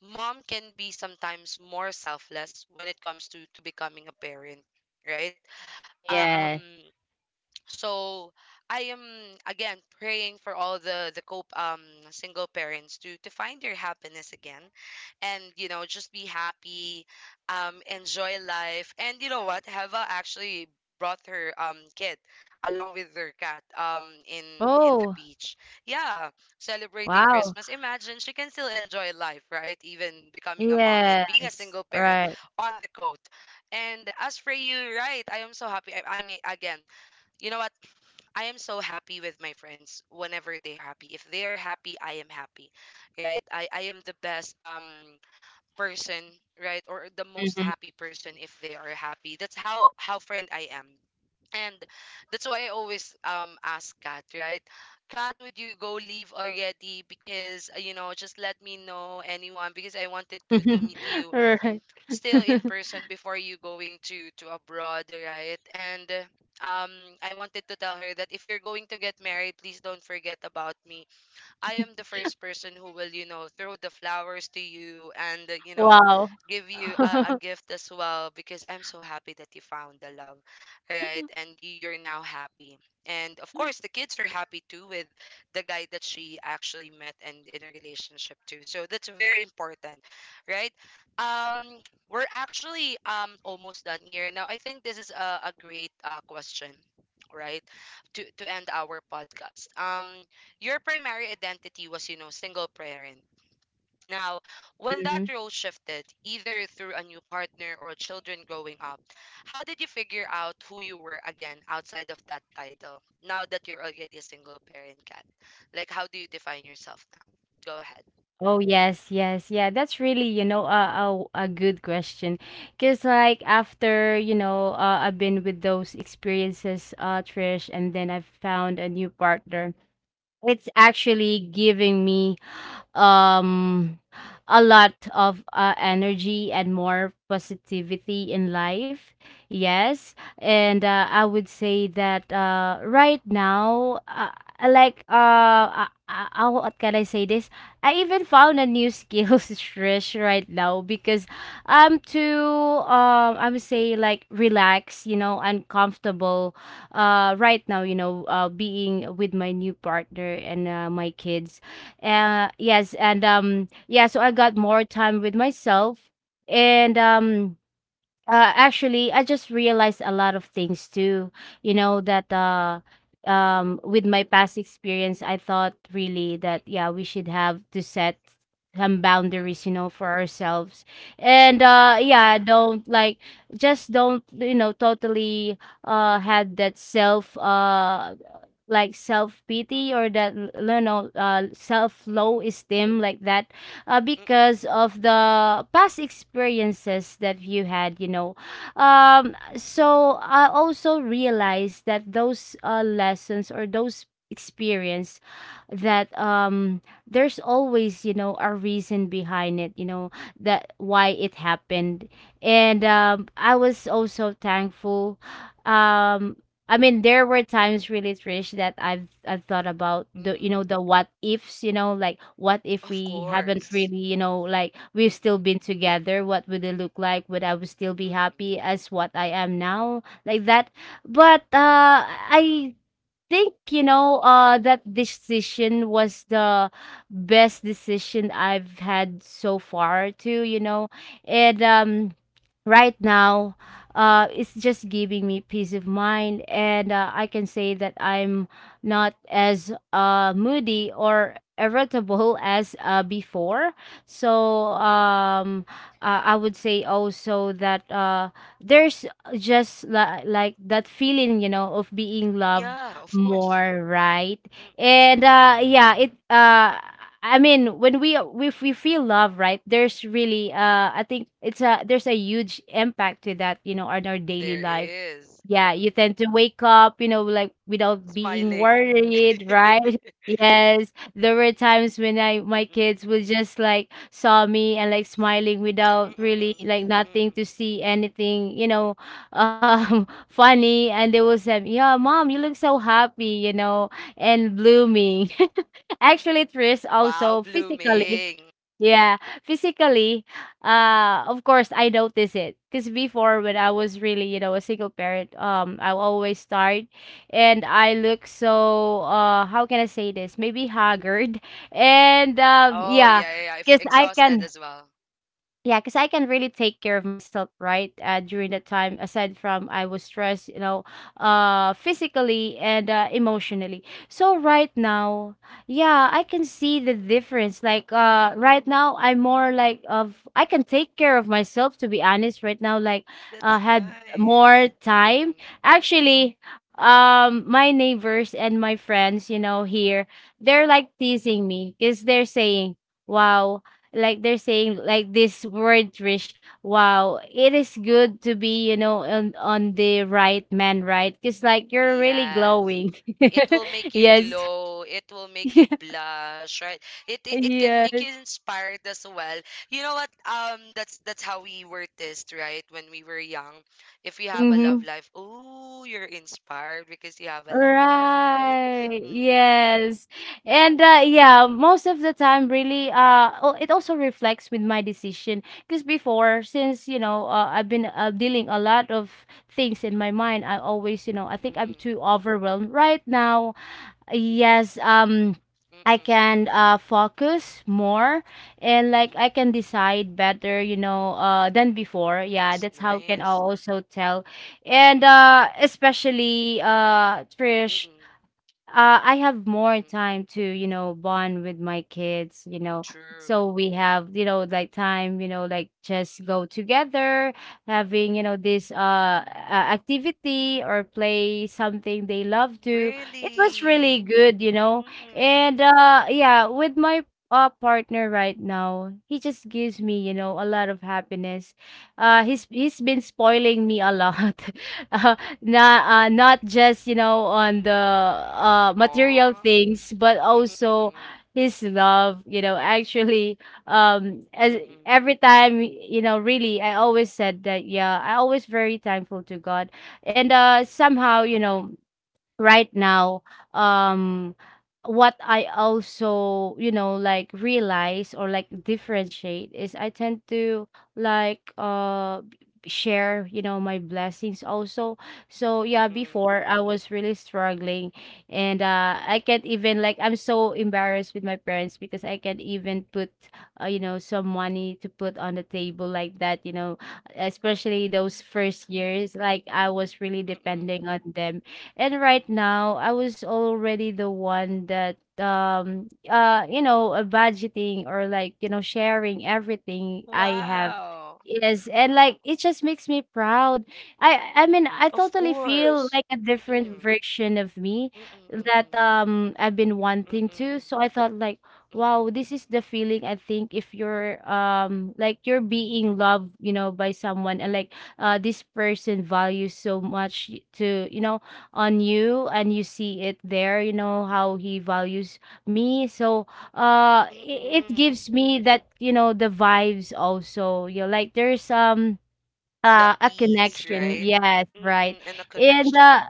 mom can be sometimes more selfless when it comes to becoming a parent, right? uh, Yes. um so I am again praying for all the cope single parents to find their happiness again, and you know, just be happy, enjoy life. And you know what, Heva actually brought her kid along with their cat in the Oh, beach, yeah, celebrating wow. Christmas. Imagine, she can still enjoy life, right, even becoming a mom and being a Yes. single parent Right. on the coast. And as for you, right, I am so happy. I mean, again, you know what? I am so happy with my friends whenever they're happy. If they're happy, I am happy. Right? I am the best person, right? Or the most Mhm. happy person if they are happy. That's how friend I am. And that's why I always ask Kat, right? Kat, would you go leave already? Because you know, just let me know anyone because I wanted to meet you Right. still in person before you going to abroad, right? And um I wanted to tell her that if you're going to get married, please don't forget about me. I am the first person who will, you know, throw the flowers to you and, you know, Wow. give you a gift as well because I'm so happy that you found the love, right? And you're now happy. And of course, the kids are happy too with the guy that she actually met and in a relationship too. So that's very important, right? Um, we're actually almost done here. Now, I think this is a great question, right? To end our podcast. Your primary identity was, you know, single parent. Now, when that Mhm. role shifted, either through a new partner or children growing up, how did you figure out who you were again outside of that title, now that you're already a single parent, Cat? Like, how do you define yourself now? Go ahead. Oh yes, yes, yeah. That's really, you know, a good question. Cause like after, you know, I've been with those experiences, Trish, and then I've found a new partner. It's actually giving me um a lot of energy and more positivity in life. Yes, and I would say that right now, I like, what can I say this? I even found a new skills, Trish, right now, because I'm too I'm say like relaxed, you know, uncomfortable right now, you know, being with my new partner and my kids. Yes, and yeah, so I got more time with myself, and actually, I just realized a lot of things too. You know that, with my past experience, I thought really that, Mm-mm, yeah, we should have to set some boundaries, mm-mm, you know, for ourselves, and mm-mm, mm-mm, yeah, don't like, just don't, you know, totally had that self, like self mm-mm, pity, mm-mm, or that you know, self low mm-mm, esteem like that, mm-mm, because mm-mm, of the past experiences that you had, you know. So I also realized that those, lessons, or those experience, that there's always, you know, a reason behind it, you know, that why it happened. And I was also thankful. um I mean, there were times really, Trish, that I've thought about the, you mm-mm. know, the what ifs, you know, like what if Of we haven't course. really, you know, like we've still Mm-mm, been together, what would it look like? Would I would still be mm-mm. happy as what I am now? Like that. But I think, you know, that decision was the best decision I've had so far too, you know. And right now, it's just giving me peace of mind, and I can say that I'm not as moody or irritable as before. So I would say also that there's just, like, that feeling, you know, of being loved Yeah, of course. more, right? Mm-mm. And yeah, it, I mean, when we if we feel love, right? There's really, I think it's a there's a huge impact to that, you know, on our daily There life. is. Yeah, you Mm-mm. tend to wake up, you know, like without being Smiling. worried, right? Yes, there were times when I my Mm-mm. kids would just like saw me and like smiling without really Mm-mm-mm. like nothing Mm. to see anything, you know, funny, and they will say, yeah, mom, you look so happy, you know, and blooming. Actually, Tris, Wow, also physically. blooming. Yeah, physically, of course I notice it, because before, when I was really, you know, a single parent, I will always start, and I look so, how can I say this, maybe haggard. And Oh, yeah. yeah, yeah, yeah. If because I exhausted can as well. Yeah, because I can really take care of myself, right? During that time, aside from I was stressed, you know, physically and emotionally. So right now, yeah, I can see the difference. Like right now, I'm more like of I can take care of myself. To be honest, right now, like That's had nice. more time. Mm-mm. Actually, my neighbors and my friends, you know, here, they're like teasing me because they're saying, "Wow." Like they're saying like this word, Trish, wow, it is good to be, you know, on the right man, right? Because like you're really Yes. glowing. It will make you Yes. glow. It will make you blush, right? It can make Yes, you inspired as well. You know what? That's how we were test, right? When we were young, if you have a mm-hmm. love life, oh, you're inspired because you have a love life, right? Right, Mm-mm. yes. And yeah, most of the time, really, it also reflects with my decision. Because before, since, you know, I've been dealing a lot of things in my mind, I always, you know, I think I'm Mm-mm. too overwhelmed. Right now, yes. I Mm-mm. can focus more and like I can decide better, you know, than before. Yeah, That's that's how can I nice. also tell. And Mm-mm. Especially, Trish, Mm-mm. I have more Mm-mm. time to, you know, bond with my kids, you know. True. So we have, you know, like time, you know, like just go together, having, you know, this activity or play something they love to. It was really Really? good, you know. Mm-mm. And yeah, with my partner right now, he just gives me, you know, a lot of happiness. He's been spoiling me a lot. Uh, not just, you know, on the material Aw. things, but also Mm-mm-mm. his love, you know. Actually, as Mm-mm. every time, you know, really, I always said that, yeah, I always very thankful to God. And somehow, you know, right now, um what I also, you know, like realize or like differentiate is I tend to like share, you know, my blessings also. So yeah, Mm-mm. before I was really struggling. And I can't even like I'm so embarrassed with my parents because I can't even put you know, some money to put on the table like that, you know, especially those first years like I was really Mm-mm. depending on them. And right now, I was already the one that you know, budgeting or like, you know, sharing everything I have. Wow. Yes, and like it just makes me proud. I mean, I Of totally feel course. like a different Mm-mm. version of me Mm-mm. that Mm-mm. I've been wanting Mm-mm. to. So I thought like, Mm-mm. wow, this is the feeling I think if you're like you're being loved, you know, by someone. And like this person values so much to, you know, on you, and you see it there, you know, how he values me. So it Mm-mm. gives me that, you know, the vibes also, you know, like there's The a peace, connection. right? Yes, right. Mm-mm. And a And, connection.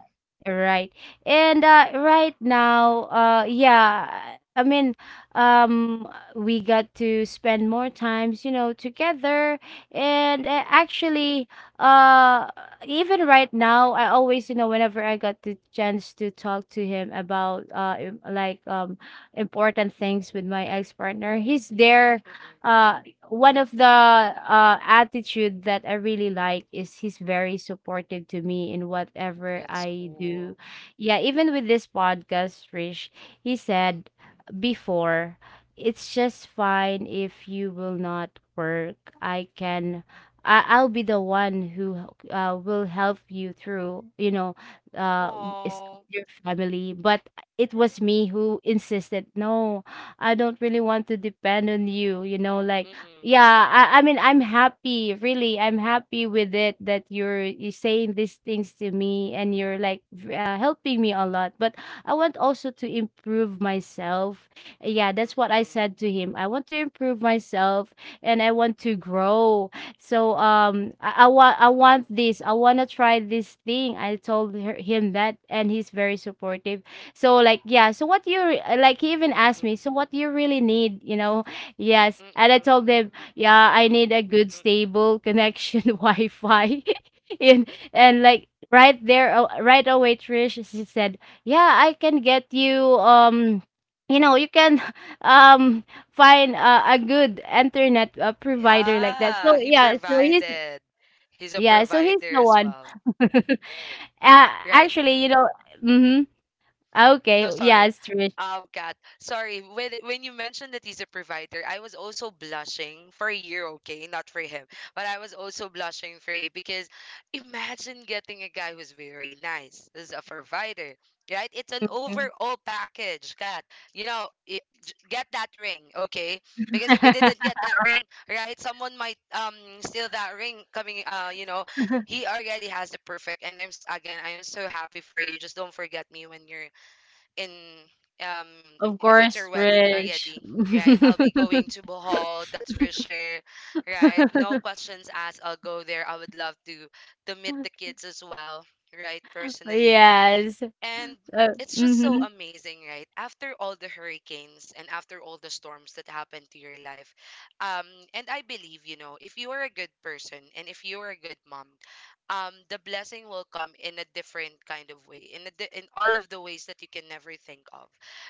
right. And, right now, Mm-mm. yeah, I mean, um, we got to spend more times, you know, together. And Mm-mm. actually, uh, even right now, I always, you know, whenever I got the chance to talk to him about, important things with my ex partner, he's there, Mm-mm. uh, one of the attitude that I really like is he's very supportive to me in whatever That's I do. cool. Yeah, even with this podcast, Rish, he Mm-mm. said before, it's just fine if you will not work. I'll be the one who will help you through, you know, w- is Aw. your family. But it was me who insisted, no, I don't really want to depend on you, you know, like Mm-mm. yeah, I mean, I'm happy, really. I'm happy with it that you're, you saying these things to me, and you're like helping me a lot. But I want also to improve myself. Yeah, that's what I Mm-mm. said to him. I want to improve myself and I want to grow. So I want this. I want to try this thing. I told her, him that, and he's very supportive. So like, yeah. So what you like? He even asked Mm-mm. me. So what do you really need? You know, yes, and Mm-mm. I told Mm-mm. him. Yeah, I Mm-mm. need a good Mm-mm. stable connection. Wi-Fi. And like right there, right away, Trish, she said, "Yeah, I can get you, you know, you can um find a good internet provider like that." Ah, So he provided. He's a yeah, so he's provider the as one. well. uh, Right. actually, you know, mhm. Okay, No, sorry, yes, Trish. Kat. Sorry, when you mentioned that he's a provider, I was also blushing for you, okay, not for him, but I was also blushing for you because imagine getting a guy who's very nice as a provider, right? It's an Mhm. overall package, Kat. You know, get that ring, okay? Because if you didn't get that ring, right, someone might steal that ring coming, you know. He already has the perfect and again, I am so happy for you. Just don't forget me when you're in, um Of if it's your course, wedding Trish. already, right? I'll be going to Bohol, that's for sure, right? No questions asked, I'll go there. I would love to meet the kids as well, right? Personally. Yes. And Uh, it's just so mhm. amazing, right? After all the hurricanes and after all the storms that happen to your life. Um, and I believe, you know, if you are a good person and if you are a good mom, the blessing will come in a different kind of way, in, in all of the ways that you can never think of,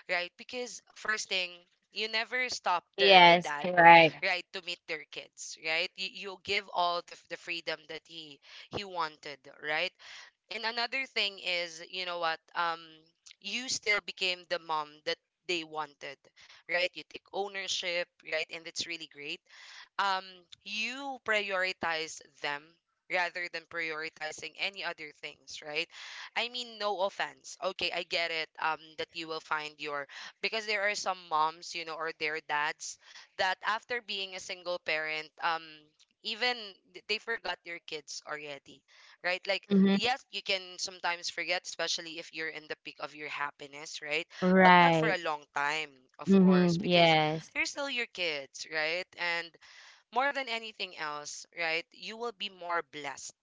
right? Because first thing, you never stop the Yes, dad, right. right, to meet their kids, right? You give all the, the freedom that he wanted, right? And another thing is, you know what? You still became the mom that they wanted, right? You take ownership, right? And it's really great, um, you prioritize them rather than prioritizing any other things, right? I mean, no offense. Okay, I get it. That you will find your because there are some moms, you know, or their dads that after being a single parent, even they forgot their kids already, right? Like, Mhm. yes, you can sometimes forget, especially if you're in the peak of your happiness, right? But not for Right. a long time, of Mhm. course, because Yes. they're still your kids, right? And more than anything else, right? You will be more blessed,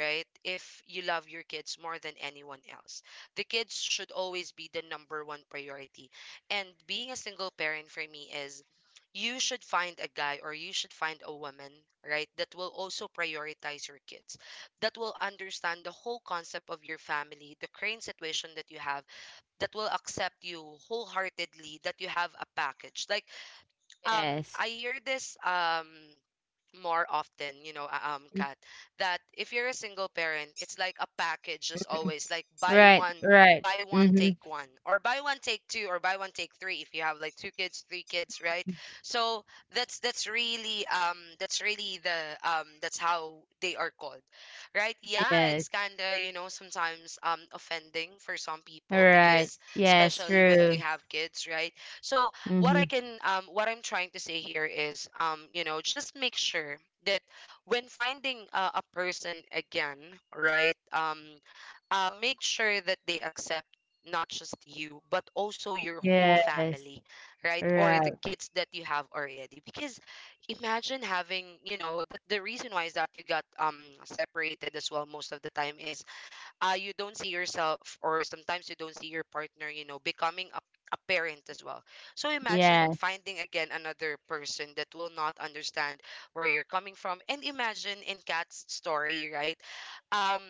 right? If you love your kids more than anyone else. The kids should always be the number one priority. And being a single parent for me is you should find a guy or you should find a woman, right? That will also prioritize your kids, that will understand the whole concept of your family, the current situation that you have, that will accept you wholeheartedly, that you have a package. Like, um, Yes. I hear this, more often, you know, Kat, that if you're a single parent, it's like a package as Mhm. always, like Right, right. buy one, Mhm. take one, or buy one, take two, or buy one, take three if you have like two kids, three kids, right? So that's really the that's how they are called. Right? Yeah, Yes. it's kinda, you know, sometimes offending for some people Right. because Yes, especially when they true. have kids, right? So what I Mhm. can what I'm trying to say here is you know just make sure that when finding a person again, right. Make sure that they accept not just you but also your whole Yes. family, right? Or the Right. kids that you have already, because imagine having, you know, that the reason why is that you got separated as well most of the time is you don't see yourself, or sometimes you don't see your partner, you know, becoming a parent as well. So imagine Yes. finding again another person that will not understand where you're coming from. And imagine in Kat's story, right? um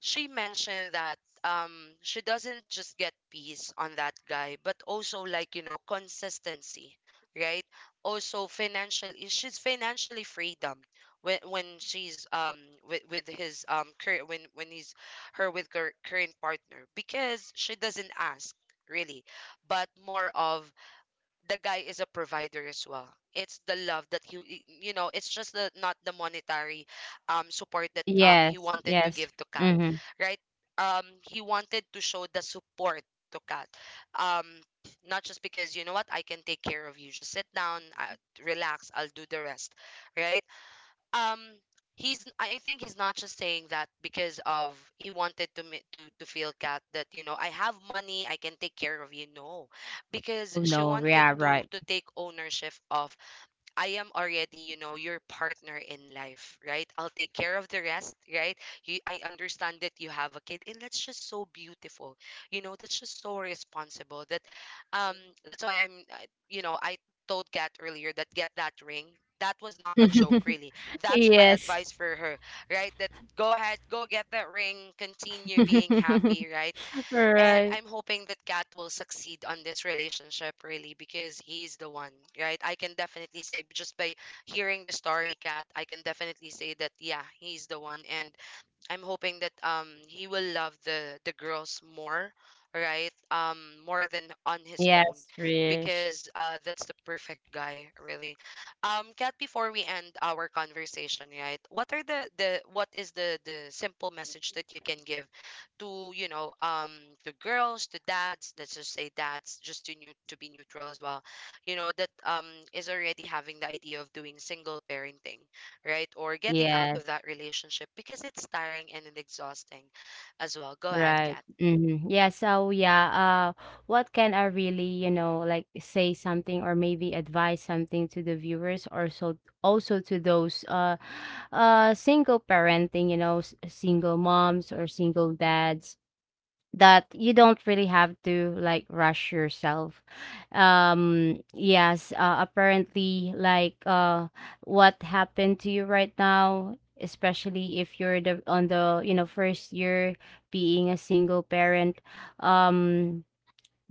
she mentioned that um she doesn't just get peace on that guy, but also, like, you know, consistency, right? Also financially, she's financially freedom when she's with, his when he's her with her current partner, because she doesn't ask, really, but more of the guy is a provider as well. It's the love that he, you know, it's just the, not the monetary support that he Yes. wanted to Yes. give to Kat, Mhm. right? He wanted to show the support to Kat, um not just because, you know what, I can take care of you, just sit down, relax, I'll do the rest, right? um he's, I think he's not just saying that because of, he wanted to me to feel Cat that, you know, I have money, I can take care of you. No, because Oh, she no. wanted Yeah, right. to take ownership of. I am already, you know, your partner in life, right? I'll take care of the rest, right? You, I understand that you have a kid, and that's just so beautiful. You know, that's just so responsible. Um, that's why I'm, you know, I told Kat earlier that get that ring. That was not a joke, really. That's my Yes. advice for her, right? That go ahead, go get that ring, continue being happy, right? And Right. I'm hoping that Kat will succeed on this relationship really, because he's the one, right? I can definitely say, just by hearing the story, Kat, I can definitely say that, yeah, he's the one. And I'm hoping that he will love the girls more, right? More than on his own, Yes, Rich. because that's the perfect guy, really. Kat, before we end our conversation, right? What are the what is the simple message that you can give to, you know, to girls, to dads, let's just say dads, just to new to be neutral as well. You know, that is already having the idea of doing single parenting, right? Or getting out Yes. of that relationship because it's tiring and exhausting as well. Go ahead, Right. Kat. Hmm. Yeah. So yeah. What can I really, you know, like say something or maybe advise something to the viewers, or so also to those single parenting, you know, single moms or single dads, that you don't really have to like rush yourself. Yes, apparently like what happened to you right now, especially if you're the on the, you know, first year being a single parent. um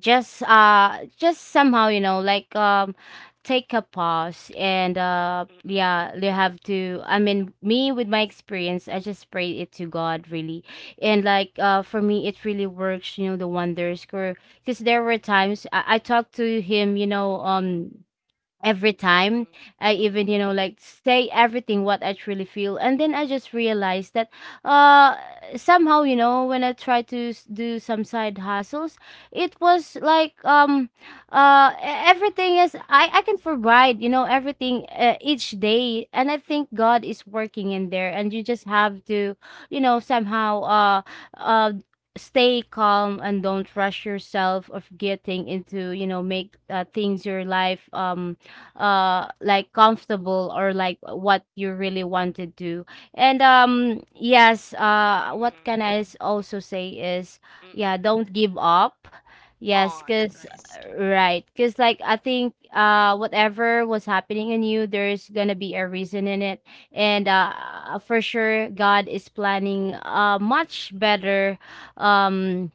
just somehow, you know, like take a pause. And Mm-mm. yeah, you have to, I mean, me with my experience, I just prayed it to God, really. And like for me it really works, you know, the wonders. Because there were times I talked to him, you know, every time, Mm-mm. I even, you know, Mm-mm. like say everything what I truly feel. And then I just realized that uh somehow, you know, when I tried to do some side hustles, it was like, uh e- everything is I can provide, you know, everything each day. And I think God is working in there, and you just have to, you know, somehow uh stay calm and don't rush yourself of getting into, you know, make things your life like comfortable or like what you really want to do. And yes, what Mm-mm. can I also say is, yeah, Mm-mm. don't give up. Yes, Oh, that's because nice. right, because like I think whatever was happening in you, there's gonna be a reason in it. And for sure God is planning Mm-mm. much better, um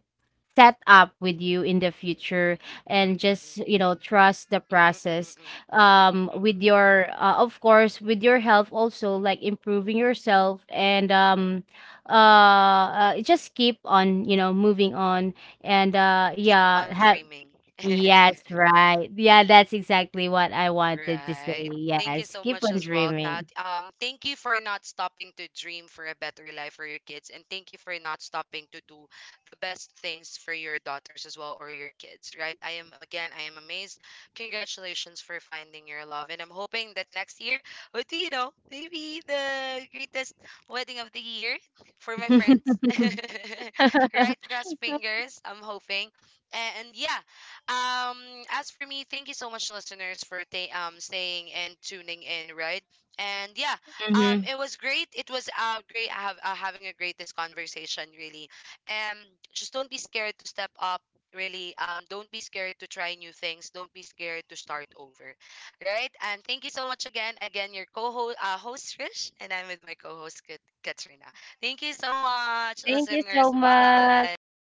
set up with you in the future. And just, Mm-mm. you know, trust the Mm-mm. process. Mm-mm. Mm-mm. With Mm-mm. your of course with your health also, like improving yourself. And uh, just keep on, you know, moving on. And Keep yeah, on have dreaming. yes right yeah that's exactly what I wanted to say. Right. Thank you Yes, so keep much on as well, Kat. dreaming. Thank you for not stopping to dream for a better life for your kids, and thank you for not stopping to do the best things for your daughters as well, or your kids. Right. I am, again, I am amazed. Congratulations for finding your love, and I'm hoping that next year would be, you know, maybe the greatest wedding of the year for my friends. Right. Cross fingers. I'm hoping, and yeah. Um, as for me, thank you so much, listeners, for staying and tuning in, right? And yeah, Mhm. it was great. It was great have having a great this conversation, really. Um, just don't be scared to step up, really. Don't be scared to try new things. Don't be scared to start over, right? And thank you so much again. Again, your host Trish, and I'm with my co-host Katrina. Thank you so much, Thank you so listeners. much, Bye.